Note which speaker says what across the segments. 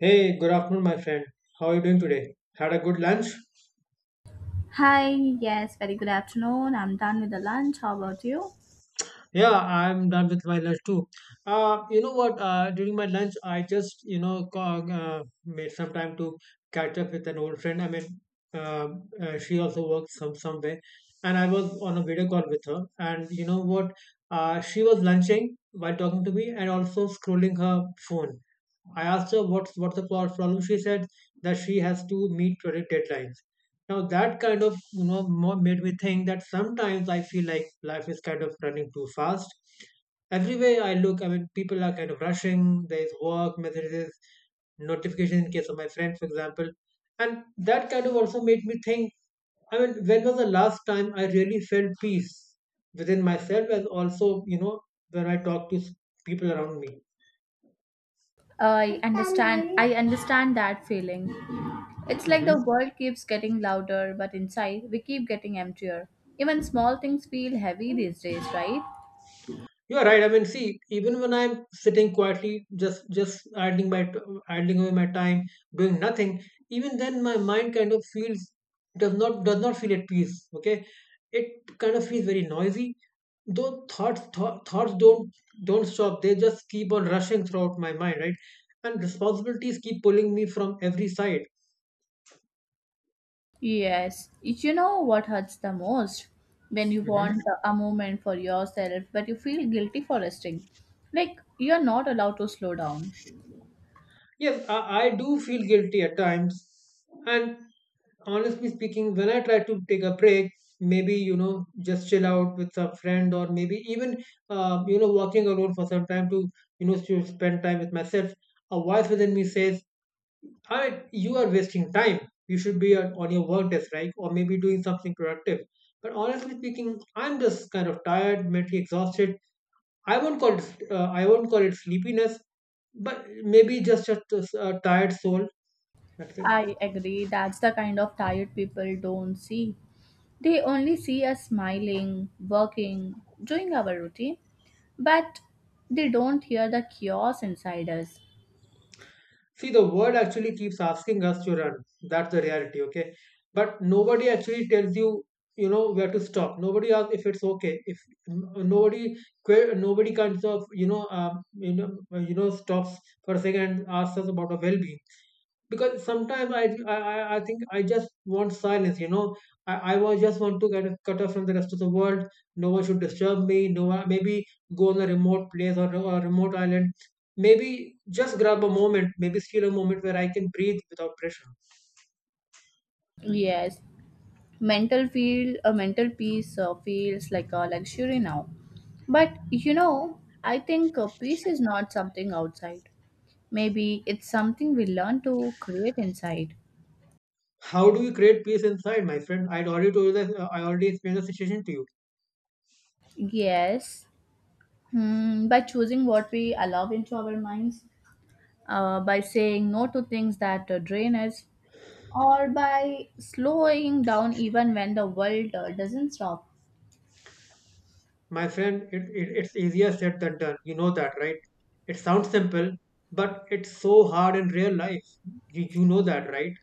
Speaker 1: Hey, good afternoon, my friend. How are you doing today? Had a good lunch?
Speaker 2: Hi, yes, very good afternoon. I'm done with the lunch. How about you?
Speaker 1: Yeah, I'm done with my lunch too. You know what? During my lunch, I just, made some time to catch up with an old friend. I mean, uh, she also works somewhere, and I was on a video call with her. And you know what? She was lunching while talking to me and also scrolling her phone. I asked her what's problem. She said that she has to meet project deadlines. Now that kind of, more made me think that sometimes I feel like life is kind of running too fast. Everywhere I look, I mean, people are kind of rushing. There is work, messages, notification in case of my friend, for example. And that kind of also made me think, I mean, when was the last time I really felt peace within myself, as also, when I talk to people around me?
Speaker 2: I understand that feeling. It's like the
Speaker 1: Mm-hmm.
Speaker 2: world keeps getting louder, but inside we keep getting emptier. Even small things feel heavy these days, right?
Speaker 1: You're right. I mean, see, even when I'm sitting quietly, just idling away my time, doing nothing, even then my mind kind of feels does not feel at peace. Okay, it kind of feels very noisy. Thoughts don't stop. They just keep on rushing throughout my mind, right? And responsibilities keep pulling me from every side.
Speaker 2: Yes. You know what hurts the most? When you want
Speaker 1: Mhm.
Speaker 2: a moment for yourself, but you feel guilty for resting. Like you're not allowed to slow down.
Speaker 1: Yes, I do feel guilty at times. And honestly speaking, when I try to take a break, maybe, just chill out with a friend or maybe even, walking alone for some time to, to spend time with myself, a voice within me says, you are wasting time. You should be on your work desk, right? Or maybe doing something productive. But honestly speaking, I'm just kind of tired, mentally exhausted. I won't call it sleepiness, but maybe just a tired soul. That's it.
Speaker 2: I agree. That's the kind of tired people don't see. They only see us smiling, working, doing our routine, but they don't hear the chaos inside us.
Speaker 1: See, the world actually keeps asking us to run. That's the reality. Okay, but nobody actually tells you. You know where to stop. Nobody asks if it's okay. If n- nobody, nobody kinds of, stops for a second and asks us about our well-being, because sometimes I think I just want silence. You know, I was just want to get cut off from the rest of the world. No one should disturb me. No one, maybe go on a remote place or a remote island. Maybe just grab a moment. Maybe steal a moment where I can breathe without pressure.
Speaker 2: Yes, mental feel a mental peace feels like a luxury now. But you know, I think peace is not something outside. Maybe it's something we learn to create inside.
Speaker 1: How do you create peace inside, my friend? I'd already told you that. I already explained the situation to you,
Speaker 2: Yes, hmm, by choosing what we allow into our minds, by saying no to things that drain us, or by slowing down even when the world doesn't stop.
Speaker 1: my friend. It's easier said than done. You know that, right? It sounds simple, but it's so hard in real life. You know that, right?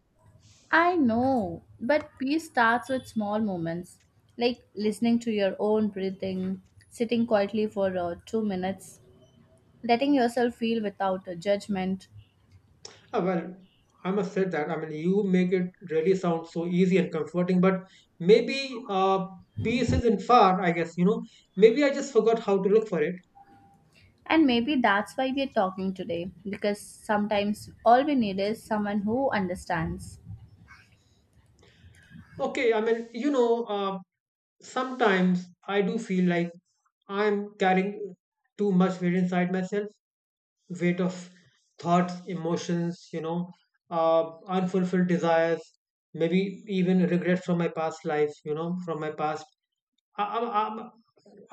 Speaker 2: I know, but peace starts with small moments, like listening to your own breathing, sitting quietly for 2 minutes, letting yourself feel without a judgment.
Speaker 1: Ah, well, I must say that. I mean, you make it really sound so easy and comforting, but maybe peace isn't far, I guess. Maybe I just forgot how to look for it.
Speaker 2: And maybe that's why we're talking today, because sometimes all we need is someone who understands.
Speaker 1: Okay, I mean, sometimes I do feel like I'm carrying too much weight inside myself, weight of thoughts, emotions, unfulfilled desires, maybe even regrets from my past life, from my past. I, I,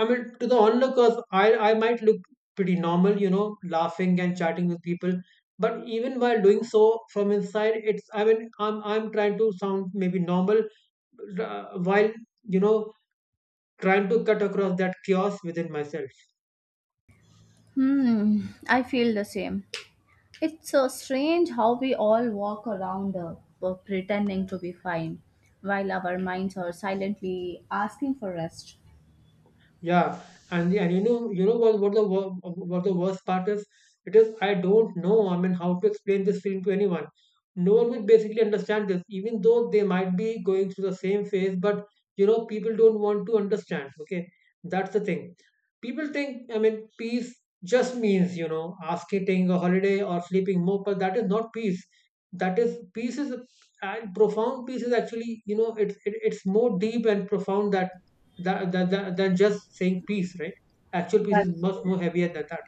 Speaker 1: I mean, to the onlookers, I might look pretty normal, laughing and chatting with people. But even while doing so from inside, I mean, I'm trying to sound maybe normal while, you know, trying to cut across that chaos within myself.
Speaker 2: Hmm, I feel the same. It's so strange how we all walk around pretending to be fine while our minds are silently asking for rest.
Speaker 1: Yeah, and you know what the worst part is? It is, I don't know, I mean, how to explain this feeling to anyone. No one will basically understand this, even though they might be going through the same phase. But people don't want to understand. Okay, that's the thing. People think, I mean, peace just means, asking taking a holiday or sleeping more, but that is not peace. That is peace is and Profound peace is actually, it, it's more deep and profound that than just saying peace, right? Actual peace is
Speaker 2: That's
Speaker 1: much
Speaker 2: true.
Speaker 1: more heavier than that.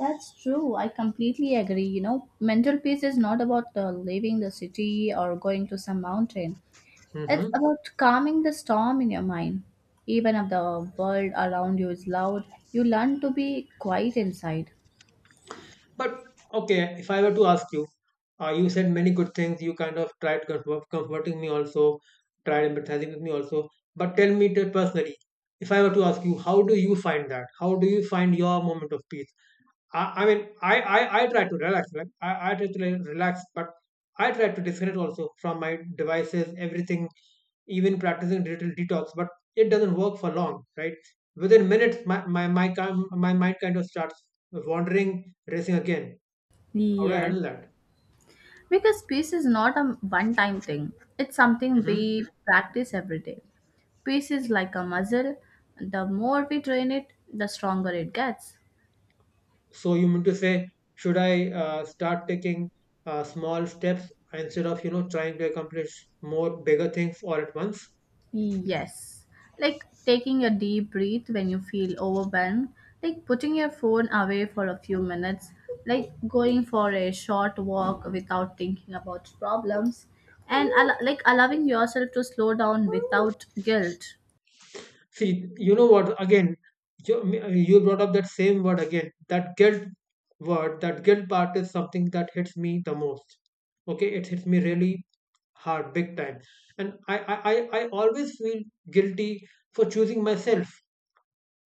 Speaker 2: That's true. I completely agree. You know, mental peace is not about leaving the city or going to some mountain.
Speaker 1: Yeah.
Speaker 2: It's
Speaker 1: Hmm.
Speaker 2: about calming the storm in your mind. Even if the world around you is loud, you learn to be quiet inside.
Speaker 1: But okay, if I were to ask you, you said many good things. You kind of tried comforting me also, tried empathizing with me also. But tell me personally, if I were to ask you, how do you find that? How do you find your moment of peace? I mean, I try to relax. Like I try to, like, relax, but I try to disconnect also from my devices, everything, even practicing digital detox. But it doesn't work for long, right? Within minutes, my mind kind of starts wandering, racing again. How do I
Speaker 2: Yes.
Speaker 1: handle that?
Speaker 2: Because peace is not a one time thing, it's something
Speaker 1: hmm
Speaker 2: we practice every day. Peace is like a muscle, the more we train it, the stronger it gets.
Speaker 1: So you mean to say, should I start taking small steps instead of, trying to accomplish more bigger things all at once?
Speaker 2: Yes, like taking a deep breath when you feel overwhelmed, like putting your phone away for a few minutes, like going for a short walk without thinking about problems, and like allowing yourself to slow down without guilt.
Speaker 1: See, you know what? Again, you, you brought up that same word again. That guilt word, that guilt part is something that hits me the most. Okay, it hits me really hard, big time. And I always feel guilty for choosing myself.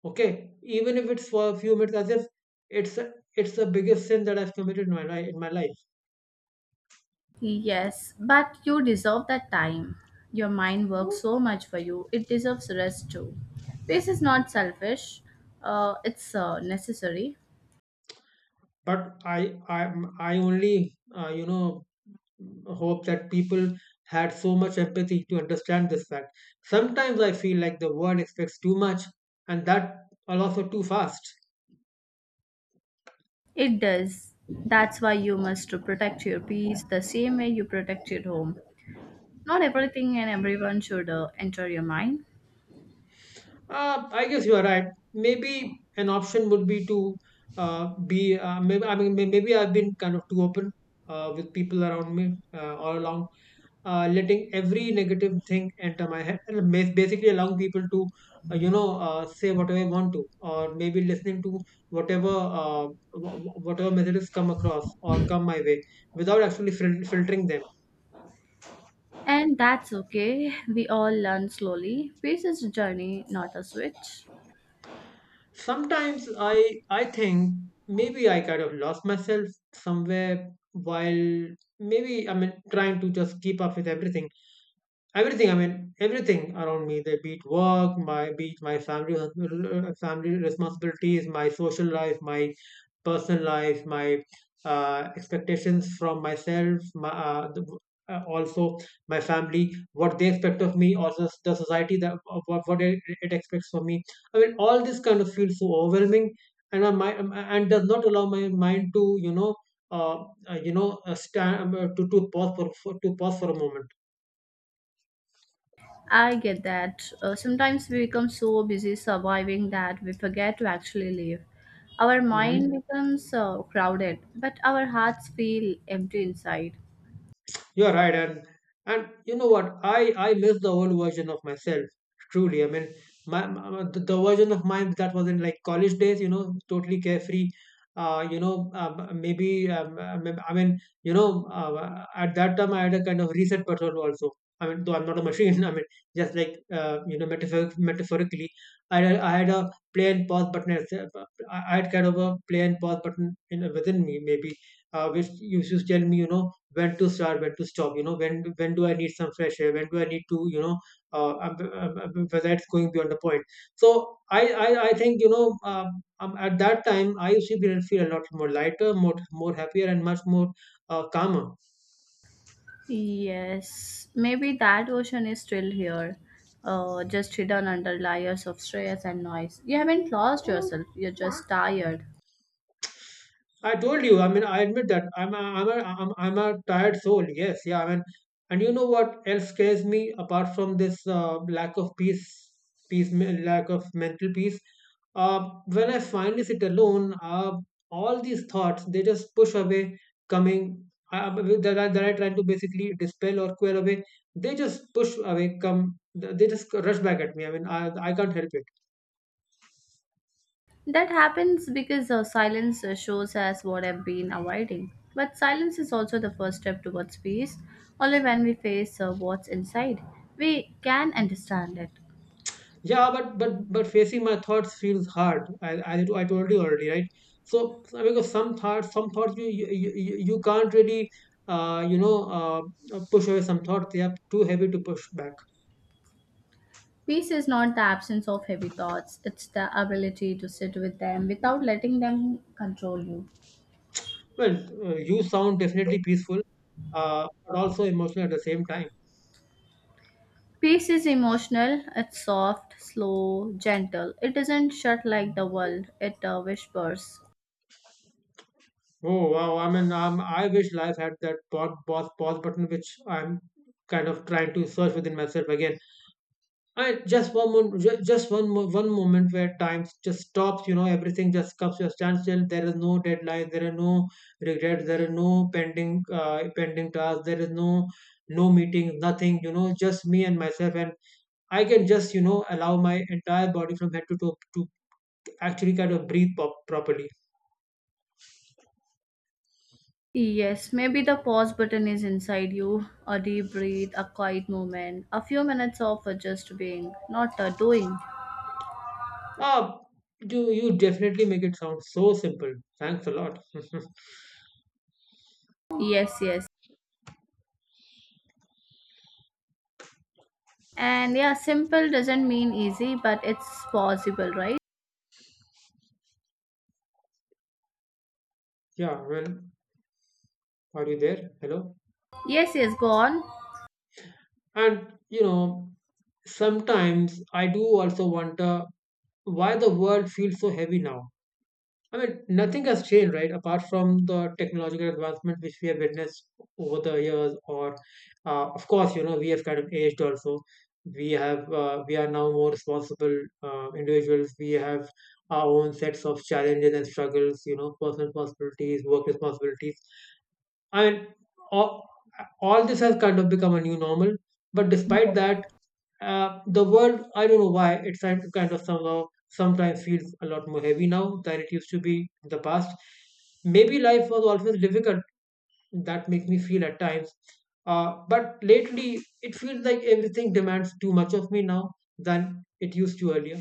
Speaker 1: Okay, even if it's for a few minutes, as if it's the biggest sin that I've committed in my life,
Speaker 2: Yes, but you deserve that time. Your mind works so much for you, it deserves rest too. Peace is not selfish, it's necessary.
Speaker 1: but I only, hope that people had so much empathy to understand this fact. Sometimes I feel like the world expects too much, and that are also too fast.
Speaker 2: It does. That's why you must to protect your peace the same way you protect your home. Not everything and everyone should enter your mind.
Speaker 1: I guess you are right. Maybe an option would be to be. Maybe, I mean, maybe I've been kind of too open with people around me all along, letting every negative thing enter my head and basically allowing people to, say whatever they want to, or maybe listening to whatever whatever messages come across or come my way without actually filtering them.
Speaker 2: And that's okay. We all learn slowly. Peace is a journey, not a switch.
Speaker 1: Sometimes I think maybe I kind of lost myself somewhere while, maybe, I mean, trying to just keep up with everything. Everything i mean everything around me, they beat work, my family, family responsibilities, my social life, my personal life, my expectations from myself, also my family, what they expect of me, also the society, what it expects from me. I mean, all this kind of feels so overwhelming, and my mind, and does not allow my mind to stand to pause for a moment.
Speaker 2: I get that. Sometimes we become so busy surviving that we forget to actually live. Our mind
Speaker 1: Hmm.
Speaker 2: becomes crowded, but our hearts feel empty inside.
Speaker 1: You're right, and you know what? I miss the old version of myself. Truly, I mean, the version of mine that was in, like, college days. You know, totally carefree. Maybe, at that time I had a kind of reset persona also. I mean, though I'm not a machine. I mean, just like, metaphorically, I had a play and pause button. I had kind of a play and pause button in within me, maybe, which used to tell me, when to start, when to stop. When do I need some fresh air, when do I need to, but that's going beyond the point. So I think, at that time I used to feel a lot more lighter, more happier, and much more calmer.
Speaker 2: Yes, maybe that ocean is still here, just hidden under layers of stress and noise. You haven't lost yourself, you're just tired.
Speaker 1: I told you. I mean, I admit that I'm a tired soul. Yes, yeah. I mean, and you know what else scares me apart from this lack of peace, lack of mental peace. When I finally sit alone, all these thoughts they just push away, coming, uh, that that I try to basically dispel or quell away. They just push away, come. They just rush back at me. I mean, I can't help it.
Speaker 2: That happens because silence shows us what I've been avoiding. But silence is also the first step towards peace. Only when we face what's inside, we can understand it.
Speaker 1: Yeah, but facing my thoughts feels hard. I told you already, right? So because some thoughts, you can't really, uh you know uh push away some thoughts. They are too heavy to push back.
Speaker 2: Peace is not the absence of heavy thoughts, it's the ability to sit with them without letting them control you.
Speaker 1: Well, you sound definitely peaceful, but also emotional at the same time.
Speaker 2: Peace is emotional, it's soft, slow, gentle. It doesn't shut like the world, it whispers.
Speaker 1: Oh wow! I mean, I wish life had that pause button, which I'm kind of trying to search within myself again. And just one moment, just one moment where time just stops. You know, everything just comes to a standstill. There is no deadline. There are no regrets. There are no pending tasks. There is no meeting. Nothing. You know, just me and myself, and I can just you know allow my entire body from head to toe to actually kind of properly.
Speaker 2: Yes, maybe the pause button is inside you. A deep breath, a quiet moment, a few minutes of just being, not a doing.
Speaker 1: Ah, you definitely make it sound so simple. Thanks a lot.
Speaker 2: Yes, yes. And yeah, simple doesn't mean easy, but it's possible, right?
Speaker 1: Yeah. Well, are you there? Hello.
Speaker 2: Yes, yes, go on.
Speaker 1: And you know, sometimes I do also wonder why the world feels so heavy now. I mean, nothing has changed, right? Apart from the technological advancement which we have witnessed over the years, or of course, you know, we have kind of aged also. We have we are now more responsible individuals. We have our own sets of challenges and struggles. You know, personal responsibilities, work responsibilities. I mean, all, all this has kind of become a new normal. But despite
Speaker 2: Yes.
Speaker 1: that, the world, I don't know why, it's kind of somehow sometimes feels a lot more heavy now than it used to be in the past. Maybe life was always difficult. That makes me feel at times. But lately, it feels like everything demands too much of me now than it used to earlier.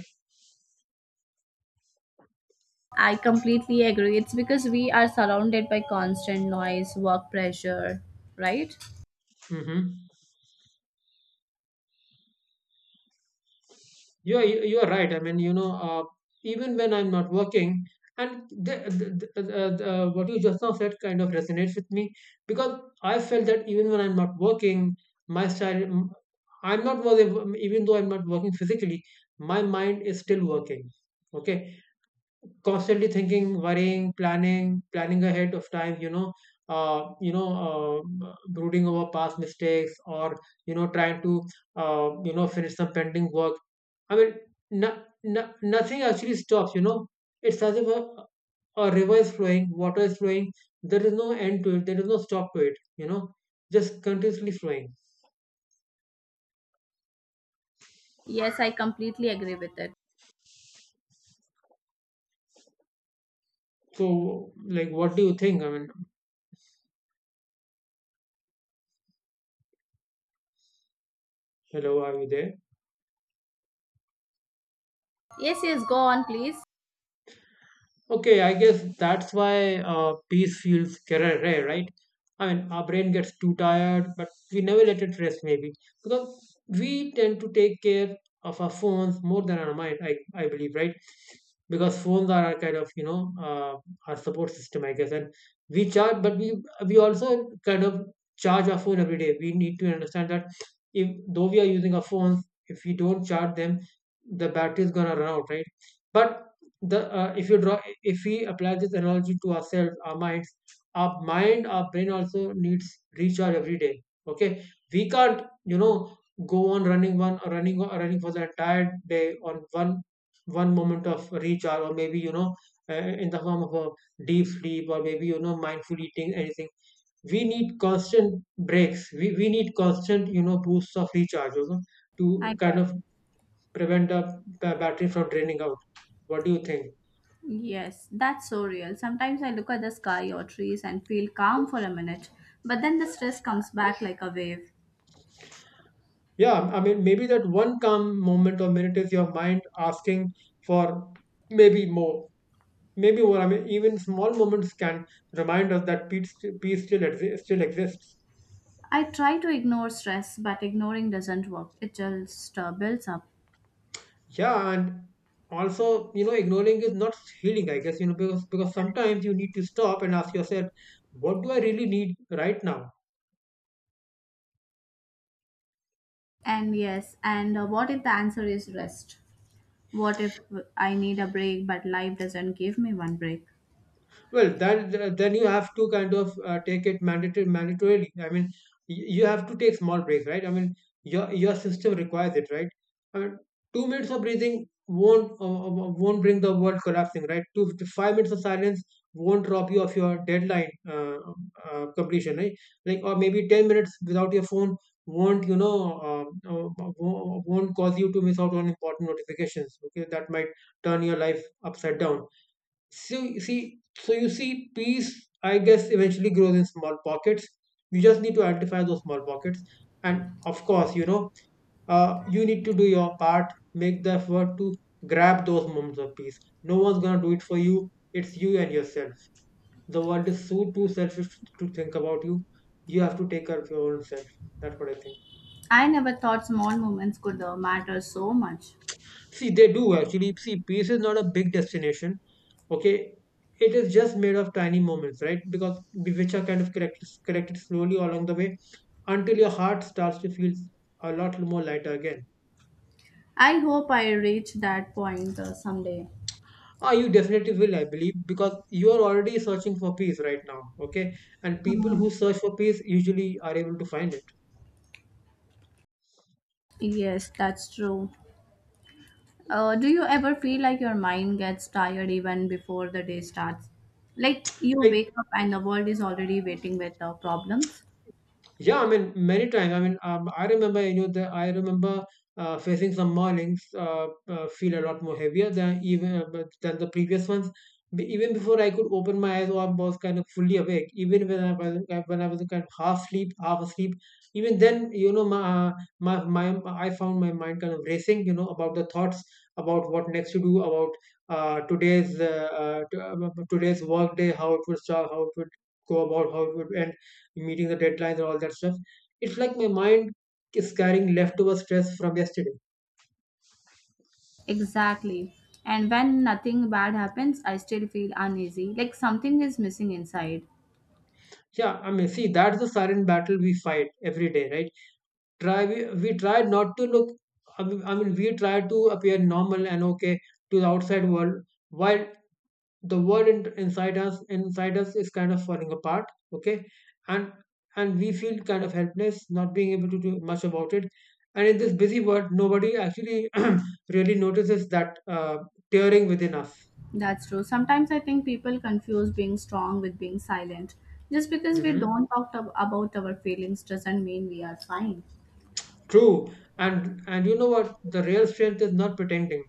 Speaker 2: I completely agree. It's because we are surrounded by constant noise, work pressure, right?
Speaker 1: Hmm. You're right. I mean, you know, even when I'm not working and what you just now said kind of resonates with me, because I felt that even when I'm not working, my style I'm not working. Even though I'm not working physically, my mind is still working. Okay, constantly thinking, worrying, planning, planning ahead of time, you know. Brooding over past mistakes, or you know trying to you know finish some pending work. I mean, no, nothing actually stops, you know. It's as if a river is flowing, water is flowing. There is no end to it. There is no stop to it, you know. Just continuously flowing.
Speaker 2: Yes, I completely agree with it.
Speaker 1: So, like, what do you think? I mean, hello, are you there?
Speaker 2: Yes, yes, go on, please.
Speaker 1: Okay, I guess that's why peace feels rare, right? I mean, our brain gets too tired, but we never let it rest, maybe. Because we tend to take care of our phones more than our mind, I believe, right? Because phones are our kind of, you know, our support system, I guess. And we charge, but we also kind of charge our phone every day. We need to understand that if though we are using our phones, if we don't charge them, the battery is going to run out, right? But the if you draw if we apply this analogy to ourselves, our mind, our brain also needs recharge every day. Okay, we can't, you know, go on running one running running for the entire day on one moment of recharge, or maybe you know, uh, in the form of a deep sleep, or maybe you know, mindful eating, anything. We need constant breaks. We need constant, you know, boosts of recharge, you know,
Speaker 2: I
Speaker 1: to kind
Speaker 2: got
Speaker 1: of prevent the battery from draining out. What do you think?
Speaker 2: yes, that's so real. Sometimes I look at the sky or trees and feel calm for a minute, but then the stress comes back like a wave.
Speaker 1: Yeah, I mean maybe that one calm moment or minute is your mind asking for maybe more maybe more. I mean even small moments can remind us that peace still still exists.
Speaker 2: I try to ignore stress, but ignoring doesn't work. It just builds up.
Speaker 1: Yeah, and also you know ignoring is not healing, I guess, you know, because sometimes you need to stop and ask yourself, what do I really need right now?
Speaker 2: And yes, and what if the answer is rest? What if I need a break, but life doesn't give me one break?
Speaker 1: Well, then you have to kind of take it mandatory mandatorily. I mean, you have to take small breaks, right? I mean, your system requires it, right? I mean, 2 minutes of breathing won't bring the world collapsing, right? 2 to 5 minutes of silence won't rob you of your deadline completion, right? Like, or maybe 10 minutes without your phone won't you know um, uh, won't cause you to miss out on important notifications. Okay, that might turn your life upside down. So you see, peace, I guess, eventually grows in small pockets. You just need to identify those small pockets, and of course, you know, you need to do your part. Make the effort to grab those moments of peace. No one's gonna do it for you. It's you and yourself. The world is so too selfish to think about you. You have to take care of your own self. That's what I think.
Speaker 2: I never thought small moments could matter so much.
Speaker 1: See, they do actually. See, peace is not a big destination. Okay, it is just made of tiny moments, right? Because which are kind of correct, corrected slowly along the way until your heart starts to feel a lot more lighter again.
Speaker 2: I hope I reach that point someday.
Speaker 1: Ah, you definitely will, I believe, because you are already searching for peace right now. Okay, and people
Speaker 2: Hmm.
Speaker 1: who search for peace usually are able to find it.
Speaker 2: Yes, that's true. Do you ever feel like your mind gets tired even before the day starts? Like you wake
Speaker 1: Like,
Speaker 2: up and the world is already waiting with the problems?
Speaker 1: yeah, I mean, many times. I mean, I remember, you know, I remember facing some mornings feel a lot more heavier than even than the previous ones. Even before I could open my eyes, or I was kind of fully awake. Even when I was kind of half asleep. Even then, you know, my my my I found my mind kind of racing. You know, about the thoughts about what next to do, about uh, today's uh, uh, t- uh, today's work day, how it would start, how it would go about, how it would end, meeting the deadlines and all that stuff. It's like my mind is carrying leftover stress from yesterday.
Speaker 2: Exactly. And when nothing bad happens, I still feel uneasy, like something is missing inside.
Speaker 1: Yeah, I mean, see, that's the silent battle we fight every day, right? Try We, try not to look. I mean, we try to appear normal and okay to the outside world, while the world inside inside us, is kind of falling apart. Okay, and we feel kind of helpless, not being able to do much about it. And in this busy world, nobody actually really notices that tearing within us.
Speaker 2: That's true. Sometimes I think people confuse being strong with being silent. Just because we
Speaker 1: Hmm.
Speaker 2: don't talk about our feelings doesn't mean we are fine.
Speaker 1: True. And you know what? The real strength is not pretending.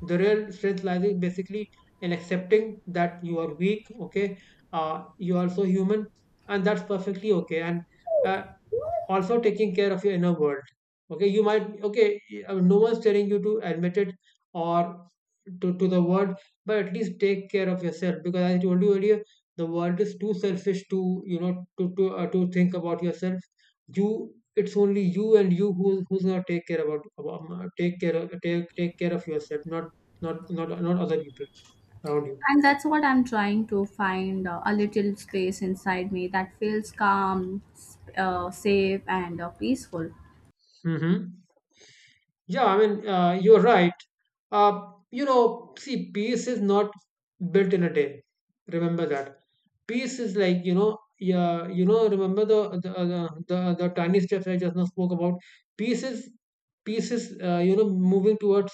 Speaker 1: The real strength lies in basically in accepting that you are weak. Okay, you are also human, and that's perfectly okay. And uh, also taking care of your inner world. Okay you might Okay, I mean, no one's telling you to admit it or to the world, but at least take care of yourself, because as I told you earlier, the world is too selfish to you know to think about yourself. You It's only you and you who who's gonna take care about take care of, take take care of yourself, not other people around you.
Speaker 2: And that's what I'm trying to find a little space inside me that feels calm, safe, and peaceful.
Speaker 1: Hmm. Yeah, I mean, you're right. You know, see, peace is not built in a day. Remember that. Peace is like, you know, yeah, you know, remember the tiny steps I just now spoke about. Peace is Peace is you know moving towards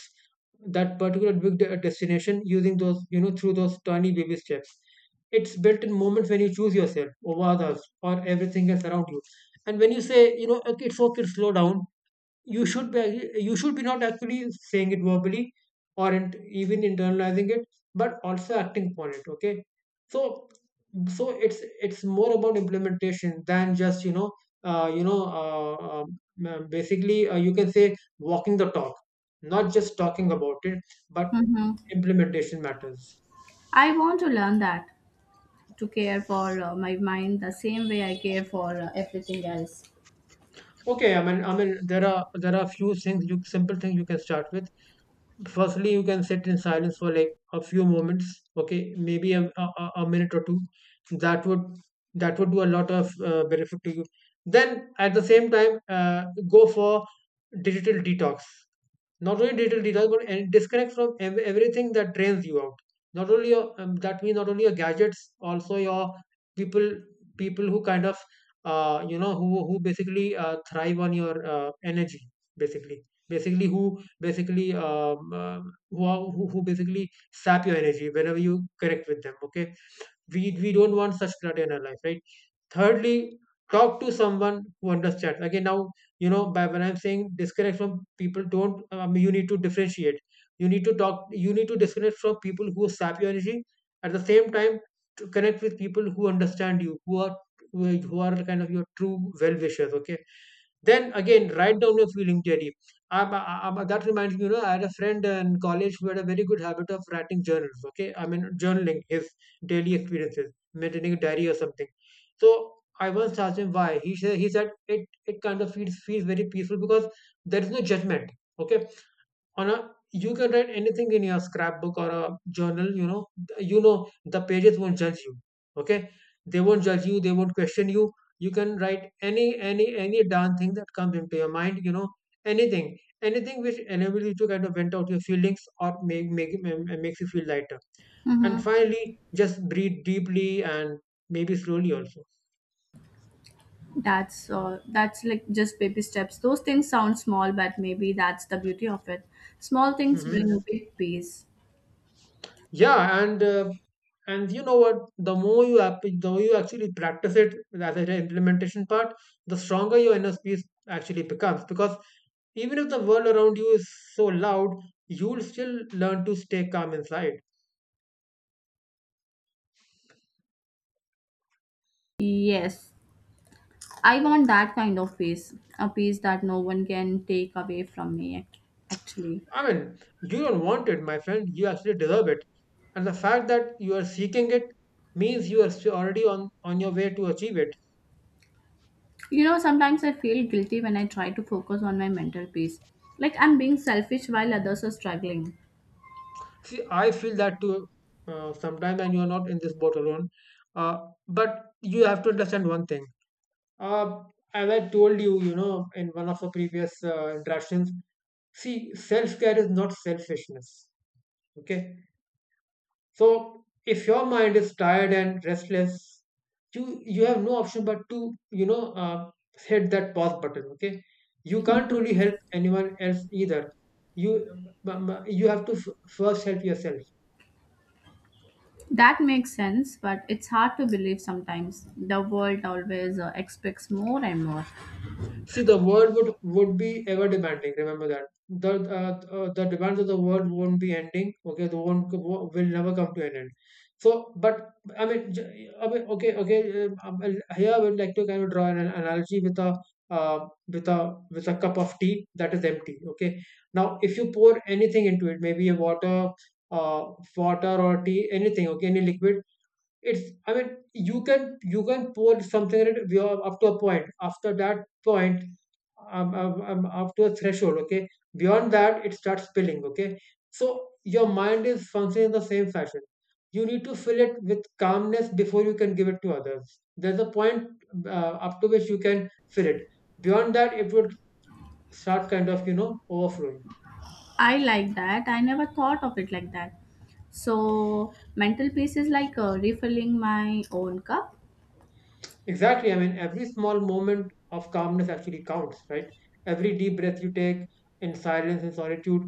Speaker 1: that particular big destination using those you know through those tiny baby steps. It's built in moments when you choose yourself over others or everything else around you. And when you say, okay, it's okay, slow down. You should be not actually saying it verbally or int even internalizing it, but also acting upon it, okay. So so it's it's more about implementation than just uh, you know uh, um, basically, you can say walking the talk, not just talking about it, but
Speaker 2: Hmm,
Speaker 1: implementation matters.
Speaker 2: I want to learn that, to care for my mind the same way I care for everything else.
Speaker 1: Okay, I mean there are few things you simple things you can start with. Firstly, you can sit in silence for like a few moments. Okay, maybe a minute or two. that would that would do a lot of benefit to you. Then at the same time, go for digital detox. Not only digital detox, but and disconnect from everything that drains you out. Not only your that means not only your gadgets, also your people. People who kind of who basically thrive on your energy. Basically basically who basically who, are, who basically sap your energy whenever you connect with them, okay? We don't want such clutter in our life, right? Thirdly, talk to someone who understands. Again, now, you know, by when I'm saying disconnect from people, don't— you need to differentiate. You need to disconnect from people who sap your energy. At the same time, to connect with people who understand you, who are— who are kind of your true well wishers, okay? Then again, write down your feeling daily. Um, I- that reminds me, you know, I had a friend in college who had a very good habit of writing journals. Okay, I mean journaling his daily experiences, maintaining a diary or something. So I once asked him why. He said it it kind of feels very peaceful because there is no judgment. Okay, on a you can write anything in your scrapbook or a journal, you know. The pages won't judge you, okay? They won't judge you, they won't question you. You can write any darn thing that comes into your mind, you know, anything. Anything which enables you to kind of vent out your feelings or makes you feel lighter.
Speaker 2: Hmm,
Speaker 1: And finally, just breathe deeply, and maybe slowly also.
Speaker 2: that's that's like just baby steps. Those things sound small, but maybe that's the beauty of it. Small things
Speaker 1: Mm-hmm.
Speaker 2: bring big peace.
Speaker 1: Yeah, and you know what, the more you actually practice it as an implementation part, the stronger your inner peace actually becomes, because even if the world around you is so loud, you'll still learn to stay calm inside.
Speaker 2: Yes, I want that kind of peace, a peace that no one can take away from me. Actually,
Speaker 1: I mean, you don't want it, my friend, you actually deserve it. And the fact that you are seeking it means you are still already on your way to achieve it.
Speaker 2: you know, sometimes I feel guilty when I try to focus on my mental peace. Like I'm being selfish while others are struggling.
Speaker 1: See, I feel that too, sometimes, and you're not in this boat alone. uh, but you have to understand one thing. Uh, as I told you, you know, in one of the previous interactions, see, self care is not selfishness. Okay. So if your mind is tired and restless, you have no option but to, you know, hit that pause button. Okay. You can't really help anyone else either. You— you have to first help yourself.
Speaker 2: That makes sense, but it's hard to believe sometimes. The world always expects more and more.
Speaker 1: See, the world would be ever demanding. Remember that, the demands of the world won't be ending. Okay, the won't wo- will never come to an end. So, but I mean, I mean, okay. Here I would like to kind of draw an analogy with a uh, with a with a cup of tea that is empty. Okay, now if you pour anything into it, maybe a water, uh, water or tea, anything. Okay, any liquid. It's— I mean, you can pour something in it. We are up to a point. After that point, I'm, I up to a threshold, okay? Beyond that it starts spilling, okay? So your mind is functioning in the same fashion. You need to fill it with calmness before you can give it to others. There's a point uh, up to which you can fill it. Beyond that it would start kind of, you know, overflowing.
Speaker 2: I like that. I never thought of it like that. So, mental peace is like refilling my own cup.
Speaker 1: Exactly. I mean, every small moment of calmness actually counts, right? Every deep breath you take in silence and solitude,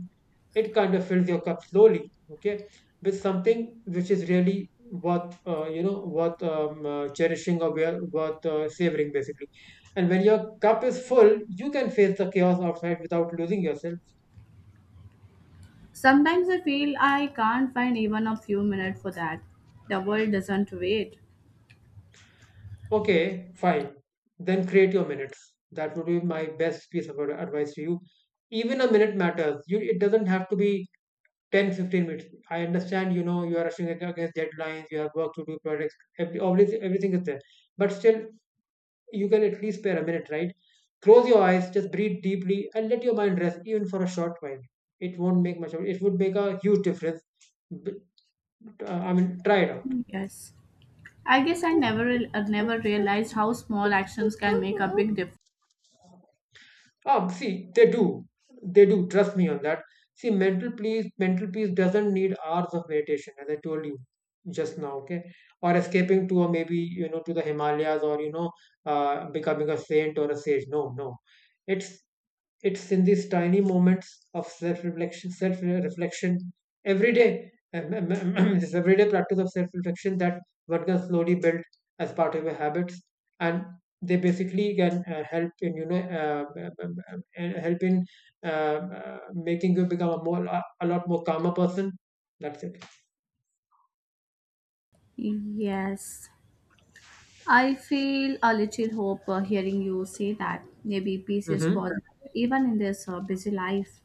Speaker 1: it kind of fills your cup slowly, okay, with something which is really worth, you know, worth cherishing, or worth savoring, basically. And when your cup is full, you can face the chaos outside without losing yourself.
Speaker 2: Sometimes I feel I can't find even a few minutes for that. The world doesn't wait.
Speaker 1: Okay, fine. Then create your minutes. That would be my best piece of advice to you. Even a minute matters. You, it doesn't have to be 10-15 minutes. I understand, you know, you are rushing against deadlines, you have work to do, projects, every— obviously everything is there, but still you can at least spare a minute, right? Close your eyes, just breathe deeply, and let your mind rest even for a short while. It won't make much of it It would make a huge difference. But, I mean, try it out.
Speaker 2: Yes. I guess I never never realized how small actions can make a big difference.
Speaker 1: See, they do. They do. Trust me on that. See, mental peace doesn't need hours of meditation, as I told you just now. Okay, or escaping to, or maybe you know, to the Himalayas, or you know, becoming a saint or a sage. No, no. It's it's in these tiny moments of self-reflection every day, this everyday practice of self-reflection that one can slowly build as part of your habits, and they basically can help in, you know, help in uh, making you become a lot more calmer person. That's it.
Speaker 2: Yes, I feel a little hope hearing you say that. Maybe peace is
Speaker 1: Hmm.
Speaker 2: possible even in this busy life.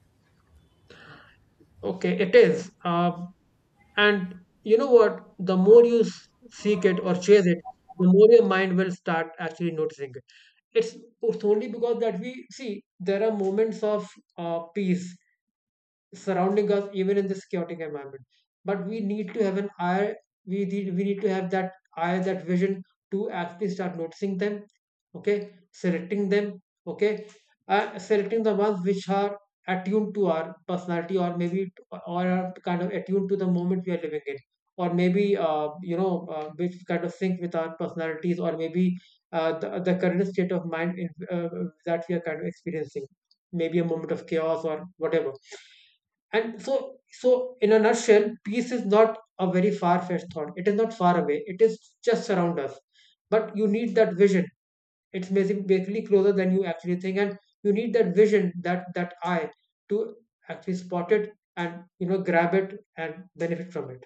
Speaker 1: Okay, it is. And you know what? The more you seek it or chase it, the more your mind will start actually noticing it. it's it's only because that we see there are moments of peace surrounding us even in this chaotic environment. But we need to have an eye. We need to have that eye, that vision, to actually start noticing them, okay, selecting them, okay. Selecting the ones which are attuned to our personality, or or are kind of attuned to the moment we are living in, or maybe, which kind of sync with our personalities, or maybe the current state of mind that we are kind of experiencing, maybe a moment of chaos or whatever. And so, so in a nutshell, peace is not a very far-fetched thought. It is not far away. It is just around us. But you need that vision. It's basically closer than you actually think, and you need that vision, that eye, to actually spot it and, you know, grab it and benefit from it.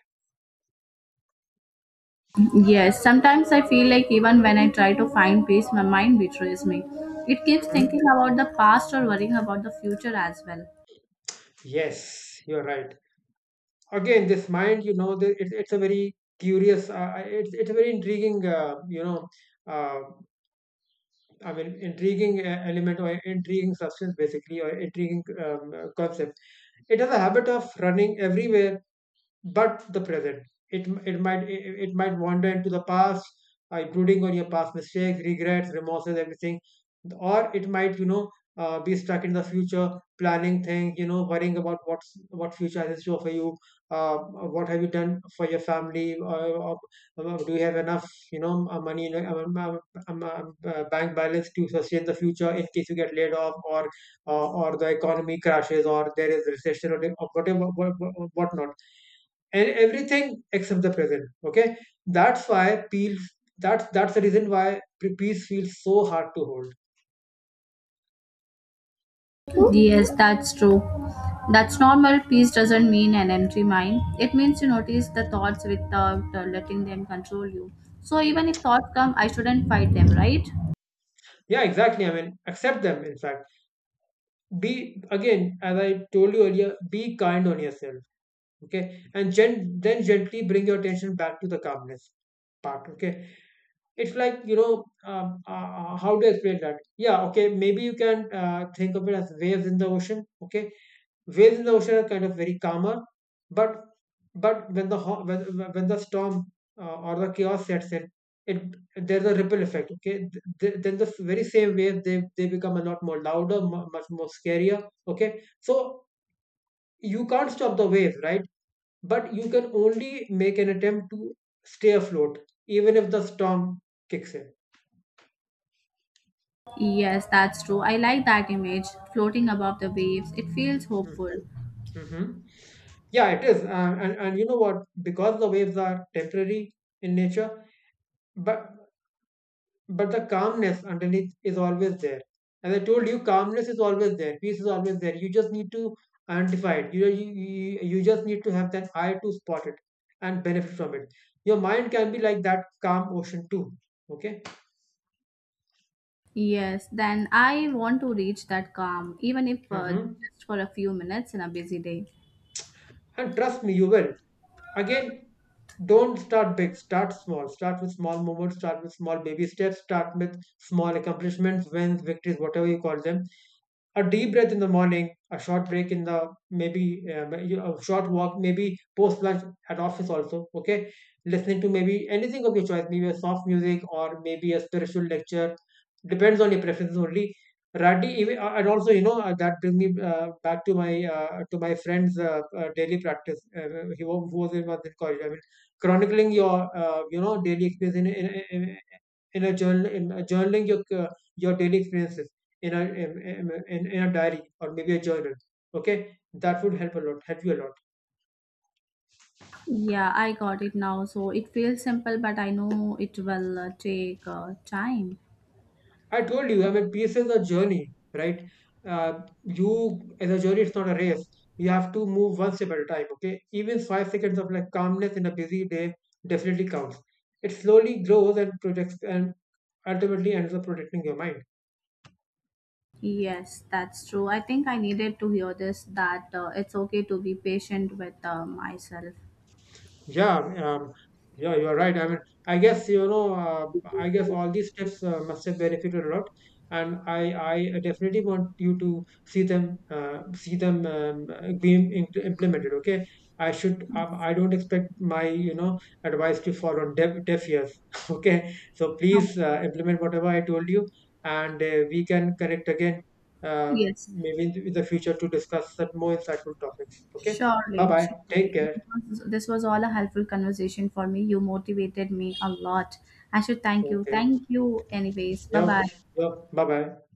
Speaker 2: Yes, sometimes I feel like even when I try to find peace, my mind betrays me. It keeps
Speaker 1: Mhm.
Speaker 2: thinking about the past or worrying about the future as well.
Speaker 1: Yes, you're right. Again, this mind, you know, it's a very curious, it's a very intriguing, uh, I mean, intriguing element, or intriguing substance, basically, or intriguing concept. It has a habit of running everywhere but the present. It might wander into the past, brooding on your past mistakes, regrets, remorses, everything, or it might, you know, be stuck in the future, planning things, you know, worrying about what's— what future has in store for you, what have you done for your family, do you have enough, you know, money, you know, bank balance to sustain the future in case you get laid off, or the economy crashes, or there is recession, or whatever, what not, and everything except the present, okay? That's why, peel that's the reason why peace feels so hard to hold.
Speaker 2: Yes, that's true. That's normal. Peace doesn't mean an empty mind. It means you notice the thoughts without letting them control you. So even if thoughts come, I shouldn't fight them, right?
Speaker 1: Yeah, exactly. I mean, accept them, in fact. Be— again, as I told you earlier, be kind on yourself, okay? And gen- then gently bring your attention back to the calmness part, okay? It's like, you know, how to explain that, yeah, okay, maybe you can think of it as waves in the ocean, okay? Waves in the ocean are kind of very calmer, but, when the— when, when the storm or the chaos sets in, it there's a ripple effect, okay? Then the very same wave, they become a lot more louder, much more scarier, okay? So you can't stop the wave, right? But you can only make an attempt to stay afloat even if the storm kicks in.
Speaker 2: Yes, that's true. I like that image. Floating above the waves, it feels hopeful.
Speaker 1: Mm-hmm. Mm-hmm. Yeah, it is, and you know what, because the waves are temporary in nature, but, the calmness underneath is always there. As I told you, calmness is always there. Peace is always there. You just need to identify it. You just need to have that eye to spot it and benefit from it. Your mind can be like that calm ocean too. Okay.
Speaker 2: Yes, then I want to reach that calm, even if
Speaker 1: Hmm.
Speaker 2: just for a few minutes in a busy day.
Speaker 1: And trust me, you will. Again, don't start big. Start small. Start with small moments. Start with small baby steps. Start with small accomplishments, wins, victories, whatever you call them. A deep breath in the morning, a short break in the— maybe uh, a short walk, maybe post lunch at office also. Okay, listening to maybe anything of your choice, maybe a soft music or maybe a spiritual lecture, depends on your preferences only. Rati, even, and also, you know, that brings me back to my friend's daily practice. He wa- who was in college. I mean, chronicling your you know daily experience in a journal, in a journaling your daily experiences in a— in a diary or maybe a journal. Okay, that would help a lot, help you a lot.
Speaker 2: Yeah, I got it now. So it feels simple, but I know it will take time.
Speaker 1: I told you, I mean, peace is a journey, right? You As a journey, it's not a race. You have to move one step at a time. Okay, even 5 seconds of like calmness in a busy day definitely counts. It slowly grows and protects, and ultimately ends up protecting your mind.
Speaker 2: Yes, that's true. I think I needed to hear this, that it's okay to be patient with myself.
Speaker 1: Yeah, yeah, you are right. I mean, I guess, you know, I guess all these tips must have benefited a lot, and I definitely want you to see them, being implemented. Okay, I should. I don't expect my, you know, advice to fall on deaf ears. Okay, so
Speaker 2: Okay.
Speaker 1: please implement whatever I told you, and we can connect again, uh,
Speaker 2: Yes,
Speaker 1: maybe in the future to discuss some more insightful topics. Okay, bye
Speaker 2: surely,
Speaker 1: bye. Take
Speaker 2: surely.
Speaker 1: care.
Speaker 2: Because this was all a helpful conversation for me. You motivated me a lot. I should thank you.
Speaker 1: Okay.
Speaker 2: Thank you, anyways.
Speaker 1: 行，
Speaker 2: Bye bye.
Speaker 1: 行，拜拜。